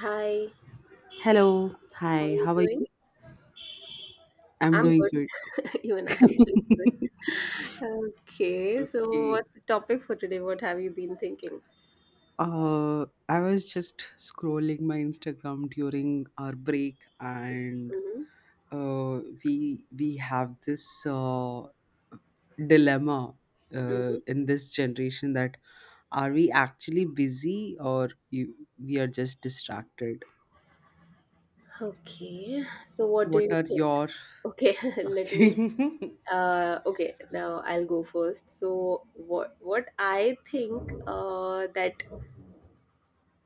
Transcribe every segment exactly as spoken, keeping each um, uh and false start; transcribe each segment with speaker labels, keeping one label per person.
Speaker 1: Hi,
Speaker 2: Hello.
Speaker 1: how are
Speaker 2: Hi.
Speaker 1: you
Speaker 2: How are
Speaker 1: doing?
Speaker 2: you? I'm
Speaker 1: I'm
Speaker 2: doing
Speaker 1: good.
Speaker 2: good.
Speaker 1: Even I am doing good. Okay, so
Speaker 2: Okay.
Speaker 1: what's the topic for today? What have you been thinking?
Speaker 2: Uh, I was just scrolling my Instagram during our break, and
Speaker 1: Hmm.
Speaker 2: uh, we we have this uh, dilemma uh,
Speaker 1: Hmm.
Speaker 2: in this generation that, are we actually busy, or you, we are just distracted?
Speaker 1: Okay, so what do
Speaker 2: What
Speaker 1: you
Speaker 2: are
Speaker 1: think?
Speaker 2: your
Speaker 1: Okay, let me.
Speaker 2: Okay?
Speaker 1: Uh, okay, now I'll go first. So what what I think uh, that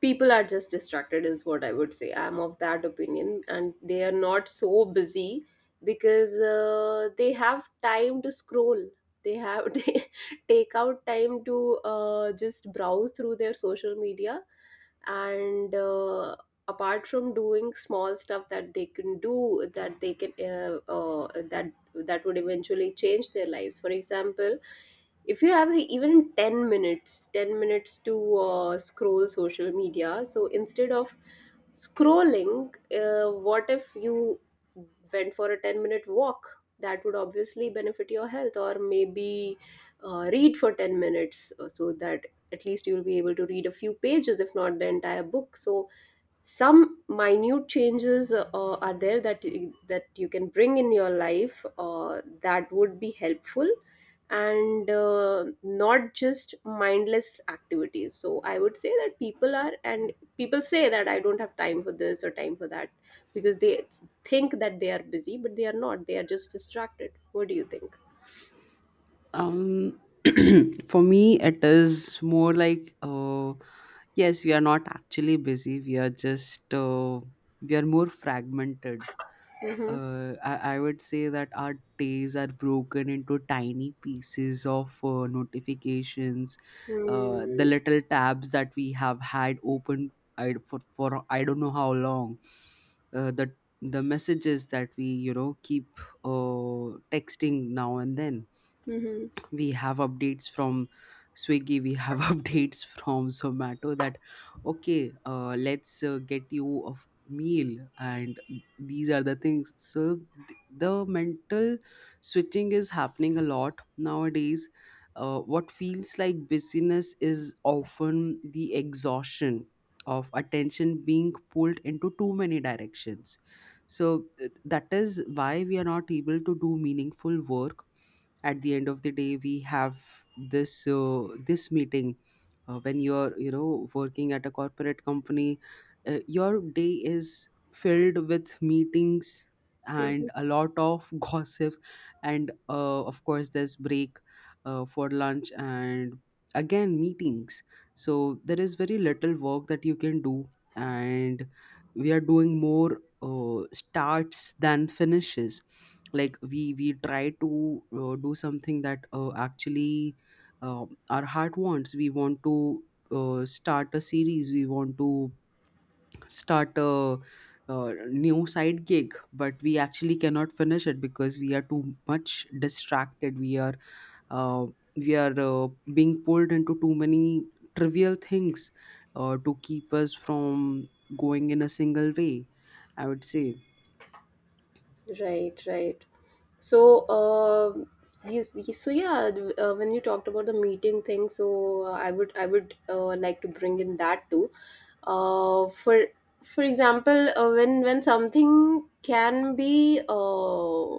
Speaker 1: people are just distracted is what I would say. I'm of that opinion and they are not so busy, because uh, they have time to scroll, they have they take out time to uh, just browse through their social media, and uh, apart from doing small stuff that they can do, that they can uh, uh, that that would eventually change their lives. For example, if you have even ten minutes, ten minutes to uh, scroll social media, so instead of scrolling, uh, what if you went for a ten minute walk? That would obviously benefit your health, or maybe uh, read for ten minutes, uh, so that at least you'll be able to read a few pages if not the entire book. So some minute changes uh, are there that you, that you can bring in your life, uh, that would be helpful, and uh, not just mindless activities. So I would say that people are, and people say that I don't have time for this or time for that, because they think that they are busy but they are not, they are just distracted. What do you think?
Speaker 2: um, for me, it is more like, uh, yes, we are not actually busy. We are just, uh, we are more fragmented.
Speaker 1: Mm-hmm.
Speaker 2: Uh, I, I would say that our days are broken into tiny pieces of uh, notifications, uh, the
Speaker 1: Mm-hmm.
Speaker 2: little tabs that we have had open I, for, for I don't know how long, uh, the, the messages that we, you know, keep uh, texting now and then.
Speaker 1: Mm-hmm.
Speaker 2: We have updates from Swiggy. We have updates from Zomato that, okay, uh, let's uh, get you a f- meal. And these are the things. So th- the mental switching is happening a lot nowadays. Uh, what feels like busyness is often the exhaustion of attention being pulled into too many directions. So th- that is why we are not able to do meaningful work. At the end of the day, we have this uh, this meeting, uh, when you're, you know working at a corporate company. Uh, your day is filled with meetings and a lot of gossips, and uh, of course there's break uh, for lunch, and again meetings. So there is very little work that you can do, and we are doing more uh, starts than finishes. Like we we try to uh, do something that uh, actually uh, our heart wants. We want to uh, start a series. We want to start a, uh new side gig, but we actually cannot finish it because we are too much distracted. We are uh, we are uh, being pulled into too many trivial things, uh, to keep us from going in a single way, I would say.
Speaker 1: Right, right. So, um yes, yes, so yeah, d- uh, when you talked about the meeting thing, so uh, I would I would uh, like to bring in that too. Uh, for for example, uh, when when something can be uh,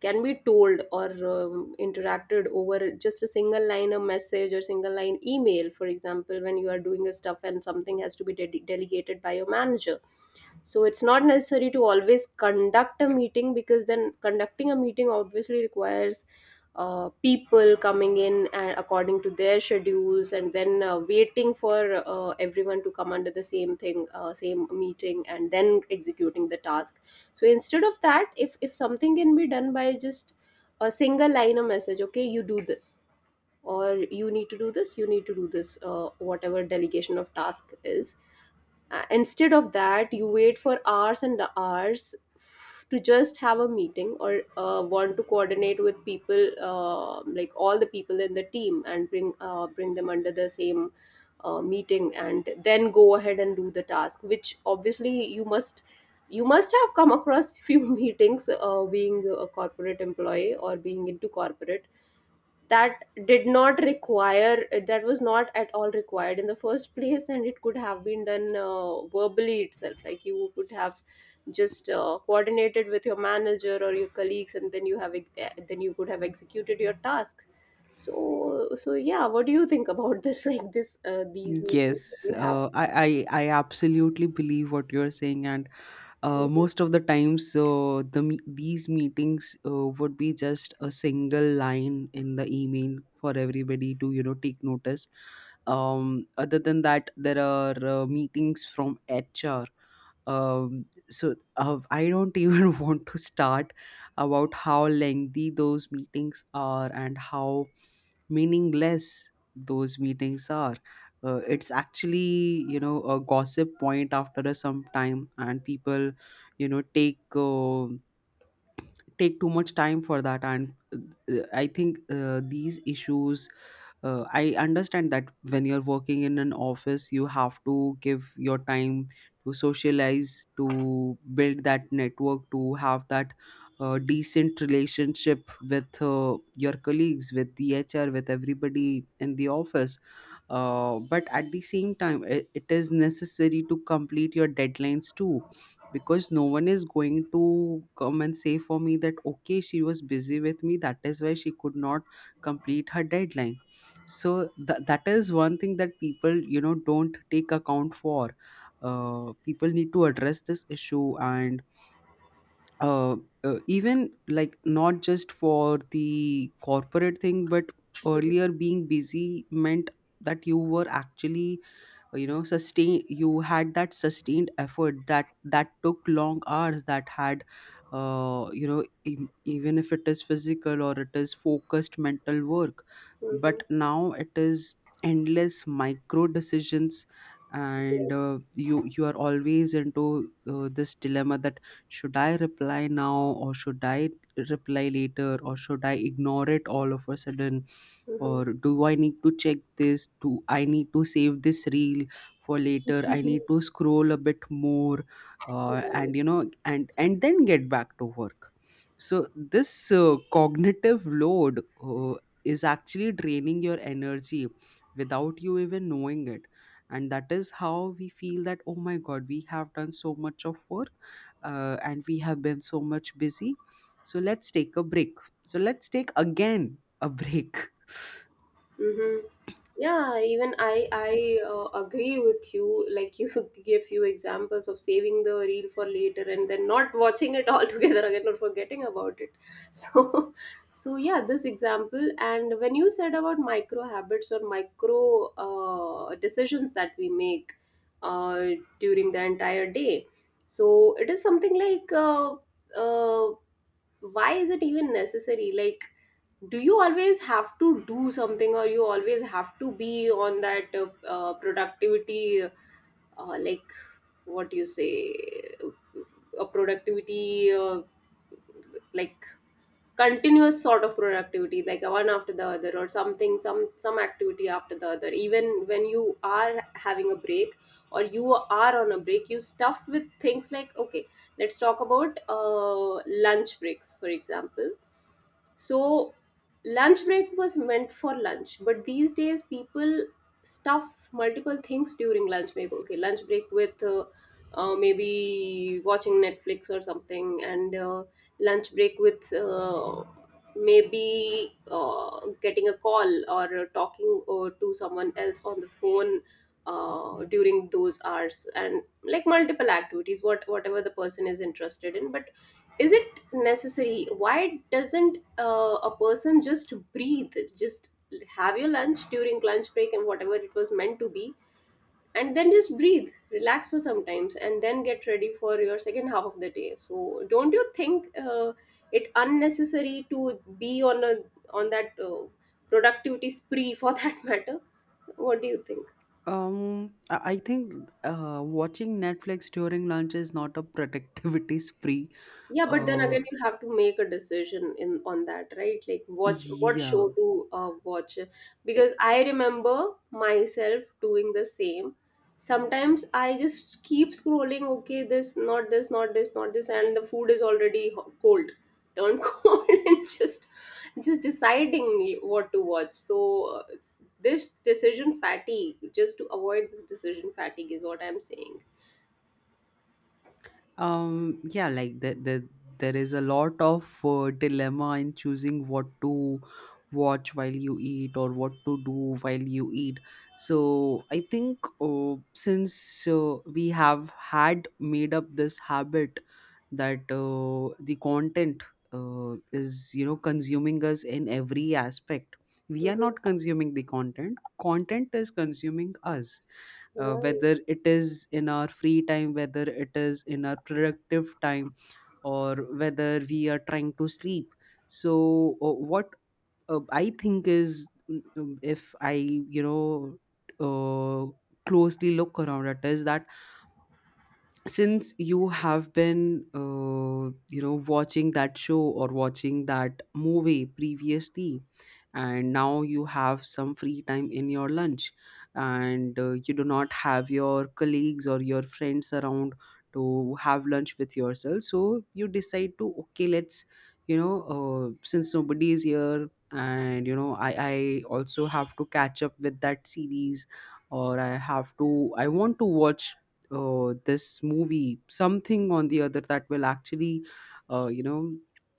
Speaker 1: can be told or um, interacted over just a single line of message or single line email. For example, when you are doing a stuff and something has to be de- delegated by your manager, so it's not necessary to always conduct a meeting, because then conducting a meeting obviously requires uh, people coming in and according to their schedules, and then uh, waiting for uh, everyone to come under the same thing, uh, same meeting, and then executing the task. So instead of that, if if something can be done by just a single line of message, okay, you do this, or you need to do this, you need to do this, uh, whatever delegation of task is, uh, instead of that, you wait for hours and hours f- to just have a meeting, or uh, want to coordinate with people, uh, like all the people in the team, and bring uh, bring them under the same uh, meeting, and then go ahead and do the task. Which obviously you must you must have come across few meetings, uh, being a corporate employee or being into corporate, that did not require, that was not at all required in the first place, and it could have been done uh, verbally itself. Like you could have just uh, coordinated with your manager or your colleagues, and then you have ex- eh, then you could have executed your task. So so yeah, what do you think about this? Like this uh, these meetings that
Speaker 2: Yes,
Speaker 1: we have.
Speaker 2: uh, I, I I absolutely believe what you're saying, and uh,
Speaker 1: Mhm.
Speaker 2: most of the times, uh, the me- these meetings uh, would be just a single line in the email for everybody to, you know take notice. Um, other than that, there are uh, meetings from HR. um, so uh, I don't even want to start about how lengthy those meetings are and how meaningless those meetings are. Uh, it's actually, you know a gossip point after a some time, and people, you know take uh, take too much time for that. And uh, I think uh, these issues uh, I understand that when you're working in an office, you have to give your time to socialize, to build that network, to have that uh, decent relationship with uh, your colleagues, with the H R, with everybody in the office. Uh, but at the same time, it, it is necessary to complete your deadlines too. Because no one is going to come and say for me that, okay, she was busy with me, that is why she could not complete her deadline. So th- that is one thing that people, you know don't take account for. Uh, people need to address this issue, and uh, uh, even, like, not just for the corporate thing, but
Speaker 1: Mhm.
Speaker 2: earlier being busy meant that you were actually, you know sustain you had that sustained effort, that that took long hours, that had uh, you know e- even if it is physical or it is focused mental work.
Speaker 1: Mhm.
Speaker 2: But now it is endless micro decisions, and uh, you
Speaker 1: Yes.
Speaker 2: you are always into uh, this dilemma that, should I reply now, or should I reply later, or should I ignore it all of a sudden,
Speaker 1: Mhm.
Speaker 2: or do I need to check this, do I need to save this reel for later, I need to scroll a bit more, uh, and
Speaker 1: Right.
Speaker 2: you know and and then get back to work. So this uh, cognitive load uh, is actually draining your energy without you even knowing it. And that is how we feel that, oh my god, we have done so much of work, uh, and we have been so much busy. So let's take a break. So let's take again a break.
Speaker 1: Mm-hmm. Yeah, even I I uh, agree with you. Like you give few examples of saving the reel for later and then not watching it altogether again or forgetting about it. So, so yeah, this example. And when you said about micro habits or micro uh, decisions that we make uh, during the entire day, so it is something like uh, uh, why is it even necessary? Like, do you always have to do something, or you always have to be on that uh, uh, productivity, uh, like, what do you say, a productivity, uh, like, continuous sort of productivity, like one after the other, or something, some some activity after the other, even when you are having a break, or you are on a break, you stuff with things. Like, okay, let's talk about uh, lunch breaks for example. So lunch break was meant for lunch, but these days people stuff multiple things during lunch break. Okay, lunch break with uh, uh, maybe watching Netflix or something, and uh, lunch break with uh, maybe uh, getting a call, or uh, talking uh, to someone else on the phone uh, during those hours, and like multiple activities, what whatever the person is interested in. But is it necessary? Why doesn't uh, a person just breathe, just have your lunch during lunch break and whatever it was meant to be, and then just breathe, relax for sometimes, and then get ready for your second half of the day? So don't you think uh, it unnecessary to be on a on that uh, productivity spree for that matter? What do you think?
Speaker 2: Um, I I think uh, watching Netflix during lunch is not a productivity spree.
Speaker 1: Yeah, but then
Speaker 2: Uh,
Speaker 1: again, you have to make a decision in on that, right? Like, watch what show
Speaker 2: yeah.
Speaker 1: to uh, watch,
Speaker 2: Eh,
Speaker 1: because I remember myself doing the same. Sometimes I just keep scrolling. Okay, this, not this, not this, not this, and the food is already ho- cold, turned cold, and just just deciding what to watch. So uh, it's, this decision fatigue, just to avoid this decision fatigue, is what I'm saying.
Speaker 2: Um, yeah, like the, the, there is a lot of uh, dilemma in choosing what to watch while you eat or what to do while you eat. So I think uh, since uh, we have had made up this habit that uh, the content uh, is, you know consuming us in every aspect. We are
Speaker 1: Mm-hmm.
Speaker 2: not consuming the content. Content is consuming us, uh,
Speaker 1: Right,
Speaker 2: whether it is in our free time, whether it is in our productive time, or whether we are trying to sleep. So uh, what uh, I think is, mm, um, if I, you know uh, closely look around at, is that since you have been uh, you know watching that show or watching that movie previously, and now you have some free time in your lunch, and uh, you do not have your colleagues or your friends around to have lunch with yourself. So you decide to, okay, let's, you know uh, since nobody is here, and, you know i i also have to catch up with that series, or i have to I want to watch uh, this movie, something on the other that will actually, uh, you know,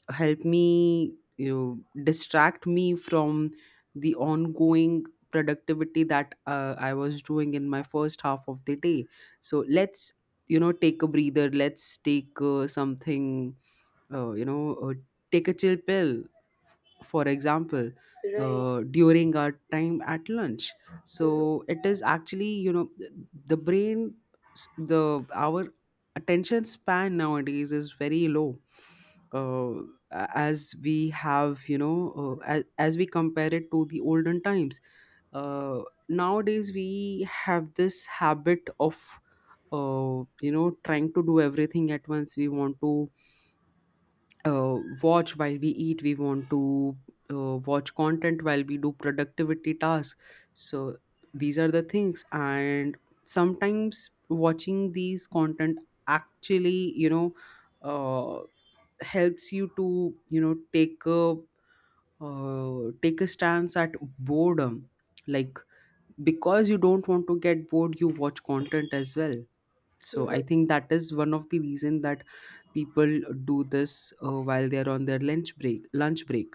Speaker 2: help me, you know, distract me from the ongoing productivity that uh, I was doing in my first half of the day. So let's, you know, take a breather. Let's take uh, something, uh, you know, uh, take a chill pill, for example,
Speaker 1: right.
Speaker 2: uh, during our time at lunch.
Speaker 1: Mm-hmm.
Speaker 2: So it is actually, you know th- the brain, s- the our attention span nowadays is very low. Uh, a- as we have you know uh, as, as we compare it to the olden times. Uh, nowadays we have this habit of uh, you know trying to do everything at once. We want to uh, watch while we eat. We want to uh, watch content while we do productivity tasks. So these are the things, and sometimes watching these content actually, you know uh, helps you to, you know take a uh, take a stance at boredom, like, because you don't want to get bored, you watch content as well. So
Speaker 1: Mm-hmm.
Speaker 2: I think that is one of the reason that people do this uh, while they are on their lunch break lunch break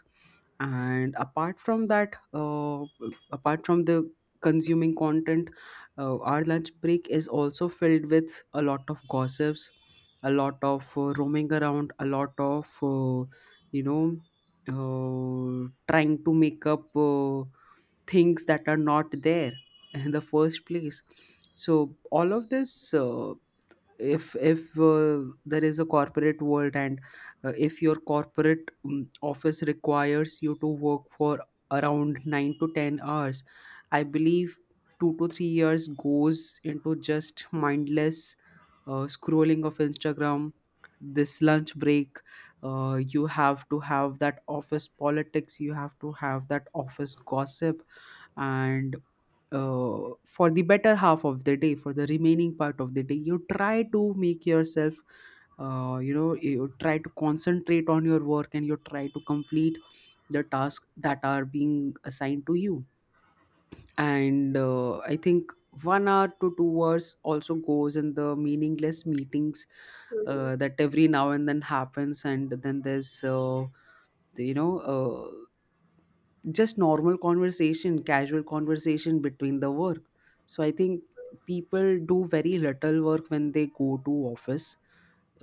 Speaker 2: And apart from that uh, apart from the consuming content, uh, our lunch break is also filled with a lot of gossips, a lot of uh, roaming around, a lot of uh, you know uh, trying to make up uh, things that are not there in the first place. So all of this, uh, if if uh, there is a corporate world, and uh, if your corporate um, office requires you to work for around nine to ten hours, I believe two to three years goes into just mindless uh, scrolling of Instagram, this lunch break. Uh, you have to have that office politics, you have to have that office gossip, and uh, for the better half of the day for the remaining part of the day, you try to make yourself, uh, you know you try to concentrate on your work, and you try to complete the tasks that are being assigned to you. And uh, I think one hour to two hours also goes in the meaningless meetings
Speaker 1: Mm-hmm.
Speaker 2: uh, that every now and then happens. And then there's uh, the- you know uh, just normal conversation, casual conversation between the work. So I think people do very little work when they go to office.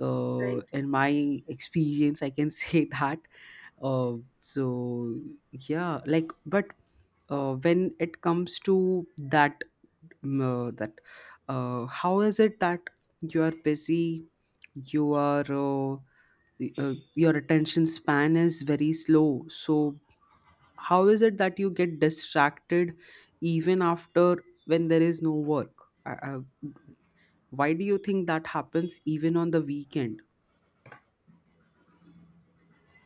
Speaker 2: Uh,
Speaker 1: Like,
Speaker 2: in my experience, I can say that. Uh, so yeah, like, but uh, when it comes to that, um, uh, that uh, how is it that you are busy, you are. Uh, y- uh, your attention span is very slow, so how is it that you get distracted even after when there is no work? I, I, why do you think that happens even on the weekend?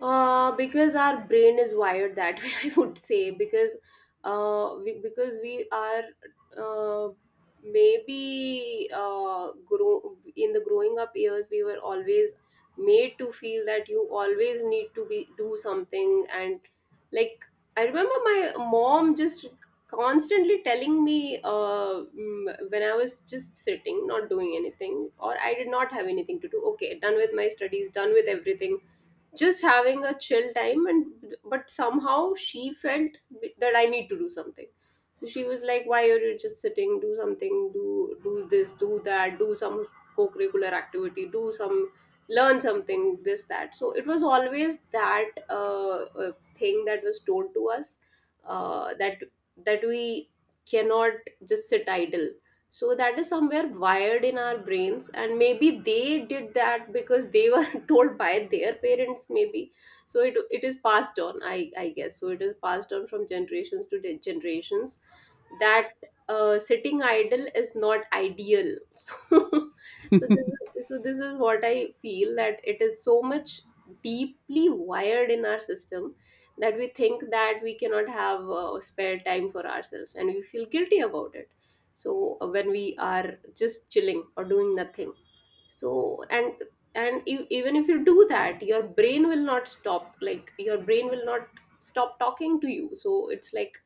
Speaker 1: Uh, because our brain is wired that way, I would say. Because, uh, we, because we are uh, maybe uh, grow in the growing up years, we were always made to feel that you always need to be do something, and like, I remember my mom just constantly telling me, uh, mm, when I was just sitting, not doing anything, or I did not have anything to do. Okay, done with my studies, done with everything, just having a chill time, and but somehow she felt that I need to do something. So she was like, why are you just sitting? Do something, do do this, do that, do some co-curricular activity, do some, learn something, this that. So it was always that uh, uh, thing that was told to us, uh, that that we cannot just sit idle. So that is somewhere wired in our brains, and maybe they did that because they were told by their parents, maybe. So it, it is passed on, I, I guess, so it is passed on from generations to de- generations, that uh, sitting idle is not ideal. So, so this, so this is what I feel, that it is so much deeply wired in our system, that we think that we cannot have uh, spare time for ourselves, and we feel guilty about it. So uh, when we are just chilling or doing nothing. So and and you, even if you do that, your brain will not stop, like your brain will not stop talking to you. So it's like,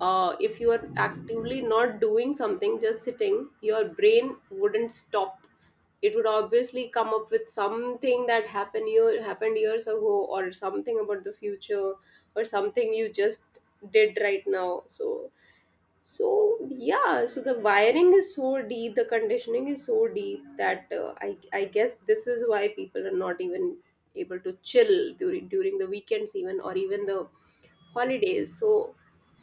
Speaker 1: uh, if you are actively not doing something, just sitting, your brain wouldn't stop. It would obviously come up with something that happened year, happened years ago, or something about the future, or something you just did right now. So so yeah, so the wiring is so deep, the conditioning is so deep, that uh, i i guess this is why people are not even able to chill during during the weekends even, or even the holidays. So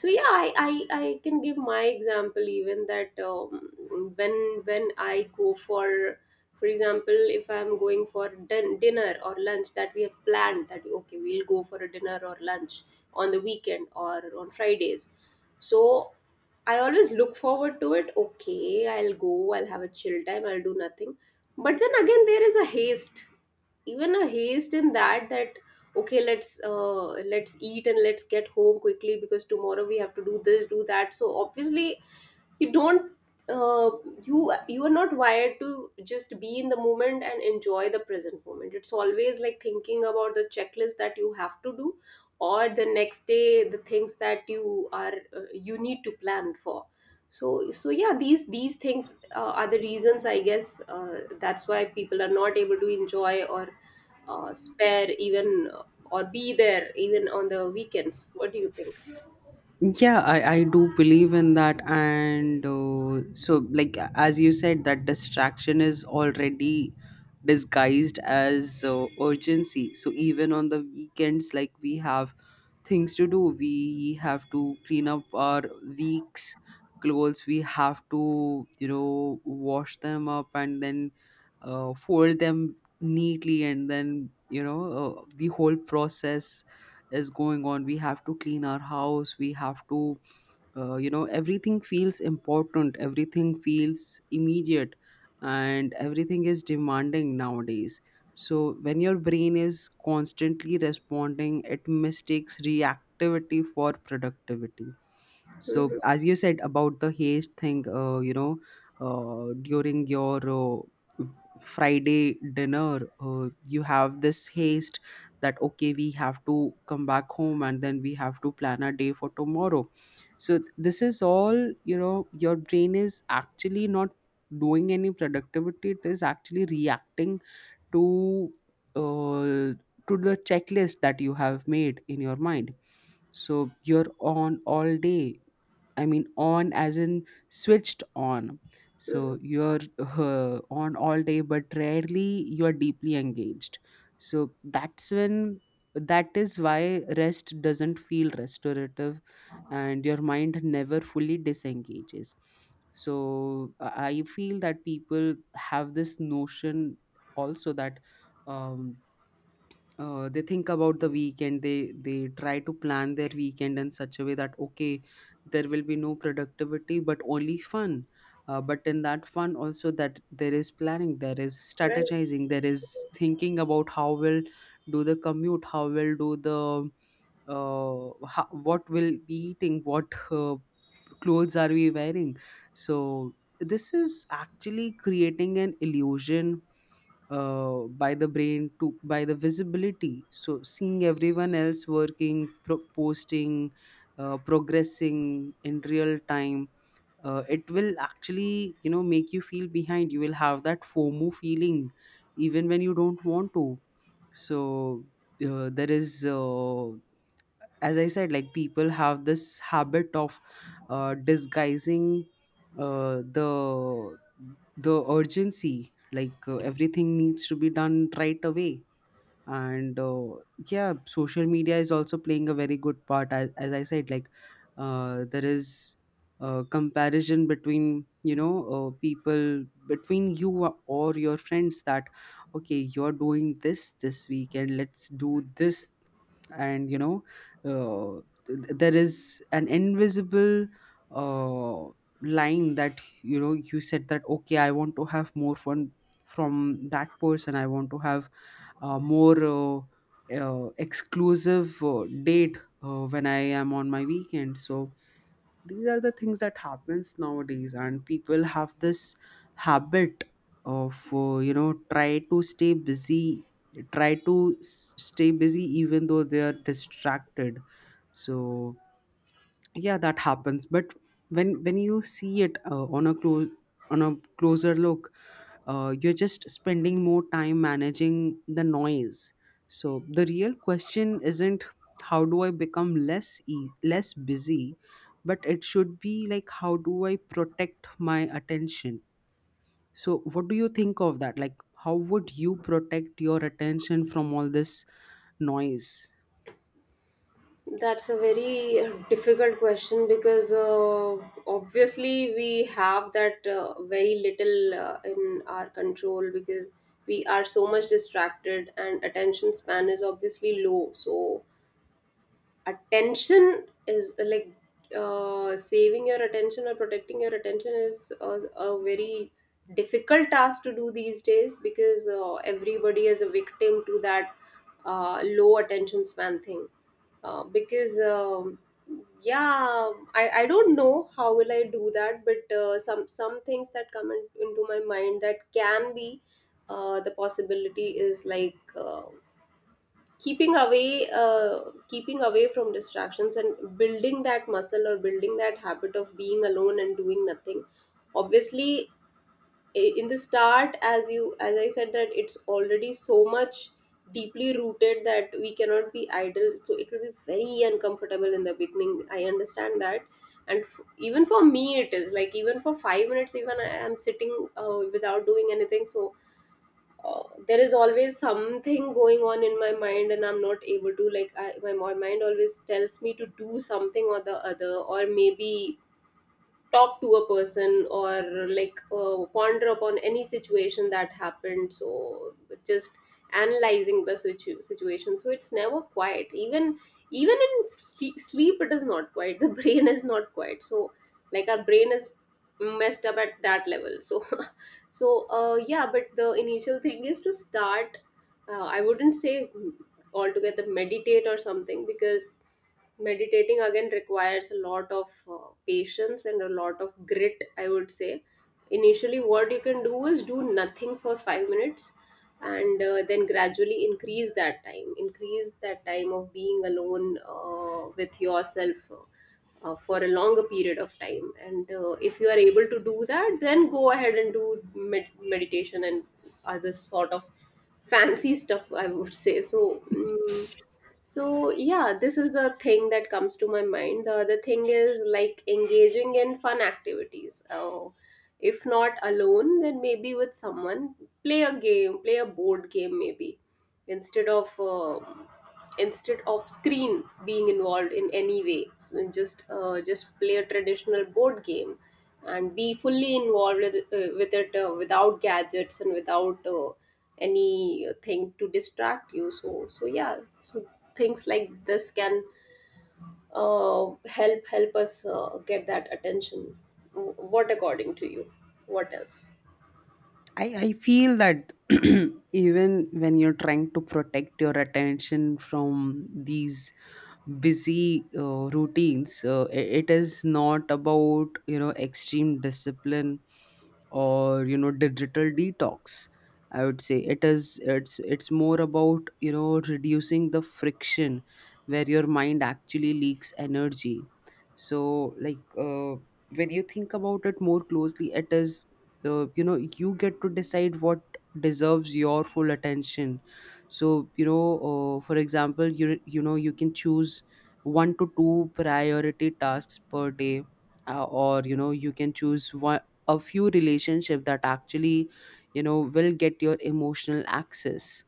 Speaker 1: so yeah, i i, I can give my example even, that um, when when I go for for example, if I'm going for din- dinner or lunch, that we have planned that okay, we'll go for a dinner or lunch on the weekend or on Fridays. So I always look forward to it. Okay, I'll go, I'll have a chill time, I'll do nothing. But then again, there is a haste, even a haste in that, that okay, let's uh, let's eat and let's get home quickly, because tomorrow we have to do this, do that. So obviously, you don't uh, you you are not wired to just be in the moment and enjoy the present moment. It's always like thinking about the checklist that you have to do, or the next day, the things that you are uh, you need to plan for. So so yeah, these these things uh, are the reasons, I guess, uh, that's why people are not able to enjoy or uh, spare even uh, or be there even on the weekends. What do you think?
Speaker 2: Yeah, i i do believe in that, and uh, so, like, as you said, that distraction is already disguised as uh, urgency. So even on the weekends, like, we have things to do. We have to clean up our weeks clothes, we have to, you know, wash them up, and then uh, fold them neatly, and then, you know, uh, the whole process is going on. We have to clean our house, we have to, uh, you know, everything feels important, everything feels immediate, and everything is demanding nowadays. So when your brain is constantly responding, it mistakes reactivity for productivity. So
Speaker 1: Hmm.
Speaker 2: as you said about the haste thing, uh, you know, uh, during your uh, friday dinner, uh, you have this haste that okay, we have to come back home and then we have to plan our day for tomorrow. So th- this is all, you know, your brain is actually not doing any productivity, it is actually reacting to, uh, to the checklist that you have made in your mind. So you're on all day. I mean, on as in switched on.
Speaker 1: Hmm.
Speaker 2: So you're uh, on all day, but rarely you are deeply engaged. So that's when, that is why rest doesn't feel restorative and your mind never fully disengages. So i I feel that people have this notion also that, um, uh, they think about the weekend, they they try to plan their weekend in such a way that okay, there will be no productivity but only fun. Uh, but in that fun also, that there is planning, there is
Speaker 1: Right.
Speaker 2: strategizing, there is thinking about how will do the commute, how will do the, uh, ho- what will be eating, what, uh, clothes are we wearing. So this is actually creating an illusion uh, by the brain, to by the visibility. So seeing everyone else working pro- posting, uh, progressing in real time, uh, it will actually, you know, make you feel behind. You will have that fomo feeling even when you don't want to. So uh, there is uh, as I said, like, people have this habit of uh, disguising uh, the the urgency. Like, uh, everything needs to be done right away. And uh, yeah, social media is also playing a very good part, as, as i said, like, uh, there is a comparison between, you know, uh, people, between you or your friends, that okay, you're doing this this weekend, let's do this. And, you know, uh, th- there is an invisible uh, line that, you know, you said that okay, i want to have more fun from that person. I want to have uh, more uh, uh, exclusive uh, date uh, when i am on my weekend. So these are the things that happens nowadays, and people have this habit of uh, you know, try to stay busy, try to s- stay busy even though they are distracted. So yeah, that happens. But when when you see it uh, on a close on a closer look, uh, you're just spending more time managing the noise. So the real question isn't how do i become less e- less busy, but it should be like, how do i protect my attention? So what do you think of that, like, how would you protect your attention from all this noise?
Speaker 1: That's a very uh, difficult question, because uh, obviously we have that uh, very little uh, in our control, because we are so much distracted and attention span is obviously low. So attention is uh, like, uh, saving your attention or protecting your attention is a, a very difficult task to do these days, because uh, everybody is a victim to that uh, low attention span thing, uh, because um, yeah, I, I don't know how will I do that, but uh, some some things that come in, into my mind that can be uh, the possibility is like, uh, keeping away uh, keeping away from distractions, and building that muscle or building that habit of being alone and doing nothing. Obviously in the start, as you, as I said, that it's already so much deeply rooted that we cannot be idle, so it will be very uncomfortable in the beginning, I understand that. And f- even for me it is like, even for five minutes, even I am sitting uh, without doing anything, so uh, there is always something going on in my mind, and I'm not able to, like I, my, my mind always tells me to do something or the other, or maybe talk to a person, or like uh, ponder upon any situation that happened. So just analyzing the situ- situation, so it's never quiet, even even in sle- sleep it is not quiet, the brain is not quiet. So like our brain is messed up at that level. So so uh, yeah, but the initial thing is to start. uh, I wouldn't say altogether meditate or something, because meditating again requires a lot of uh, patience and a lot of grit, I would say. Initially what you can do is do nothing for five minutes, and uh, then gradually increase that time, increase that time of being alone uh, with yourself uh, for a longer period of time. And uh, if you are able to do that, then go ahead and do med- meditation and other sort of fancy stuff, I would say. So mm, so yeah, this is the thing that comes to my mind. The other thing is like engaging in fun activities, uh, if not alone, then maybe with someone. Play a game, play a board game maybe, instead of uh, instead of screen being involved in any way. So just uh, just play a traditional board game, and be fully involved with, uh, with it, uh, without gadgets and without uh, anything to distract you. So so yeah, so things like this can uh, help help us uh, get that attention. W- what according to you, what else?
Speaker 2: I, I feel that even when you're trying to protect your attention from these busy uh, routines, uh, i- it is not about, you know, extreme discipline or, you know, digital detox. I would say it is, it's it's more about, you know, reducing the friction where your mind actually leaks energy. So like, uh, when you think about it more closely, it is, so, you know, you get to decide what deserves your full attention. So, you know, uh, for example, you you know, you can choose one to two priority tasks per day, uh, or, you know, you can choose one, a few relationship that actually, you know, will get your emotional access.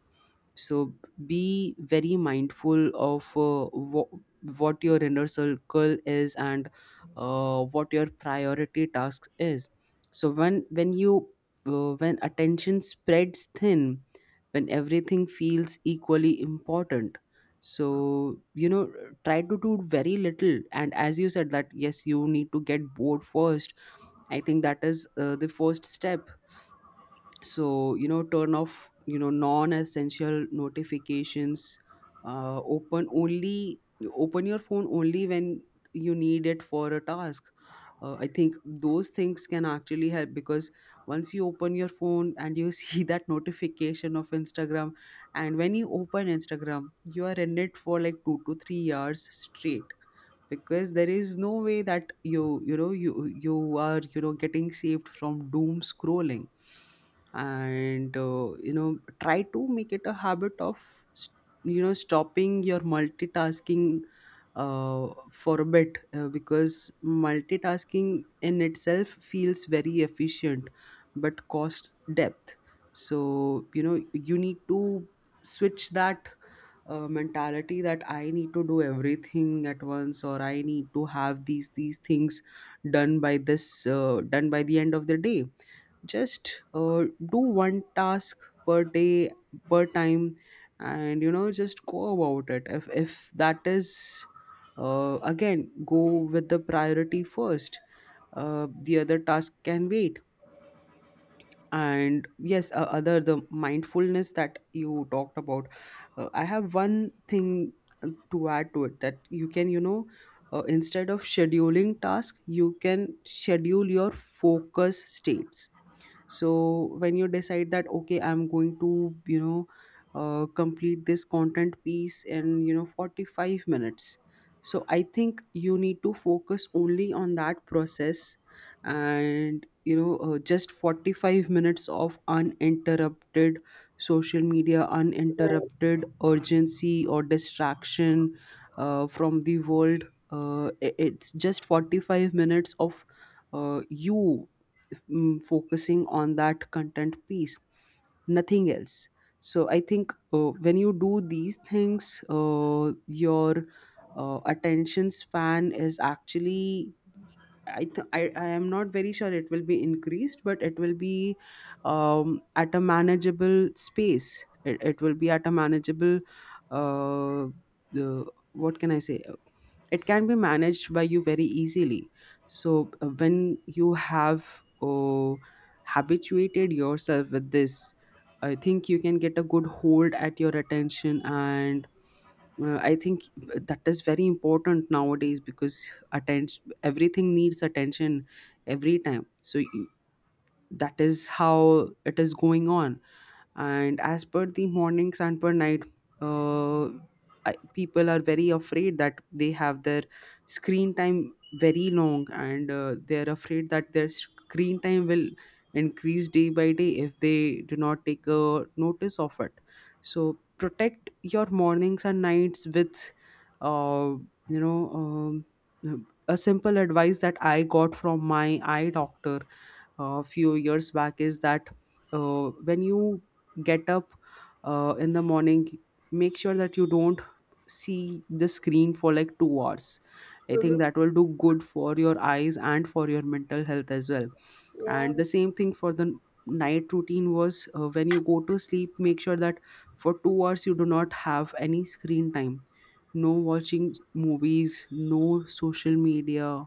Speaker 2: So be very mindful of uh, wha- what your inner circle is, and uh, what your priority task is. So when when you, uh, when attention spreads thin, when everything feels equally important. So, you know, try to do very little, and as you said that yes, you need to get bored first. I think that is uh, the first step. So, you know, turn off, you know, non-essential notifications. uh, open only Open your phone only when you need it for a task. uh, I think those things can actually help, because once you open your phone and you see that notification of instagram, and when you open instagram, you are in it for like two to three hours straight, because there is no way that you you know you you are, you know, getting saved from doom scrolling. And uh, you know, try to make it a habit of, s- you know, stopping your multitasking uh, for a bit, uh, because multitasking in itself feels very efficient but costs depth. So, you know, you need to switch that uh, mentality that I need to do everything at once, or I need to have these these things done by this, uh, done by the end of the day. Just uh, do one task per day, per time, and, you know, just go about it. If if that is, uh, again, go with the priority first. Uh, the other task can wait. And yes, uh, other the mindfulness that you talked about, uh, I have one thing uh, to add to it, that you can, you know, uh, instead of scheduling task, you can schedule your focus states. So when you decide that okay, I'm going to, you know, uh, complete this content piece in, you know, forty-five minutes. So I think you need to focus only on that process, and, you know, uh, just forty-five minutes of uninterrupted social media,
Speaker 1: Right.
Speaker 2: uninterrupted urgency or distraction uh, from the world. Uh, i- it's just forty-five minutes of, uh, you mm, focusing on that content piece, nothing else. So I think uh, when you do these things, uh, your uh, attention span is actually, I, th- I I am not very sure it will be increased, but it will be um, at a manageable space. It, it will be at a manageable. Uh, the What can I say? It can be managed by you very easily. So uh, when you have uh, habituated yourself with this, I think you can get a good hold at your attention. And uh, I think uh, that is very important nowadays because attention, everything needs attention, every time. So y- that is how it is going on. And as per the mornings and per night, uh, I, people are very afraid that they have their screen time very long, and uh, they're afraid that their screen time will increase day by day if they do not take a notice of it. So protect your mornings and nights with, uh, you know um, a simple advice that i got from my eye doctor a few years back is that, uh, when you get up uh, in the morning, make sure that you don't see the screen for like two hours. I
Speaker 1: Mm-hmm.
Speaker 2: think that will do good for your eyes and for your mental health as well.
Speaker 1: Yeah.
Speaker 2: And the same thing for the night routine was, uh, when you go to sleep, make sure that for two hours you do not have any screen time. No watching movies, no social media,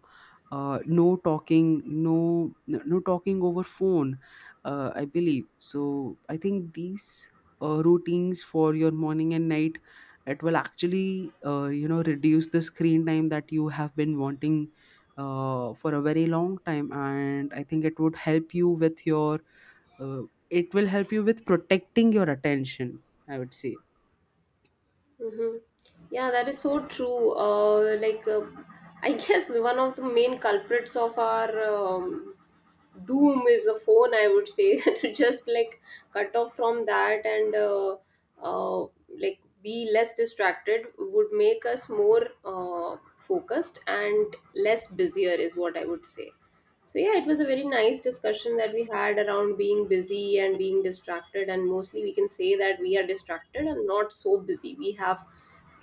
Speaker 2: uh, no talking, no no talking over phone, uh, I believe. So I think these uh, routines for your morning and night, it will actually, uh, you know, reduce the screen time that you have been wanting uh, for a very long time, and I think it would help you with your uh, it will help you with protecting your attention, I would say.
Speaker 1: Mm-hmm. Yeah, that is so true. Uh, like, uh, i guess one of the main culprits of our um, doom is a phone, I would say, to just like cut off from that, and uh, uh, like be less distracted would make us more uh, focused and less busier is what I would say. So yeah, it was a very nice discussion that we had around being busy and being distracted, and mostly we can say that we are distracted and not so busy. We have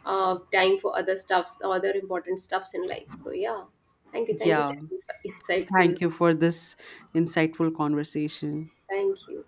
Speaker 1: uh, time for other stuffs, other important stuffs in life. So yeah, thank you, thank you
Speaker 2: Yeah,
Speaker 1: for your insightful.
Speaker 2: thank you for this insightful conversation.
Speaker 1: Thank you.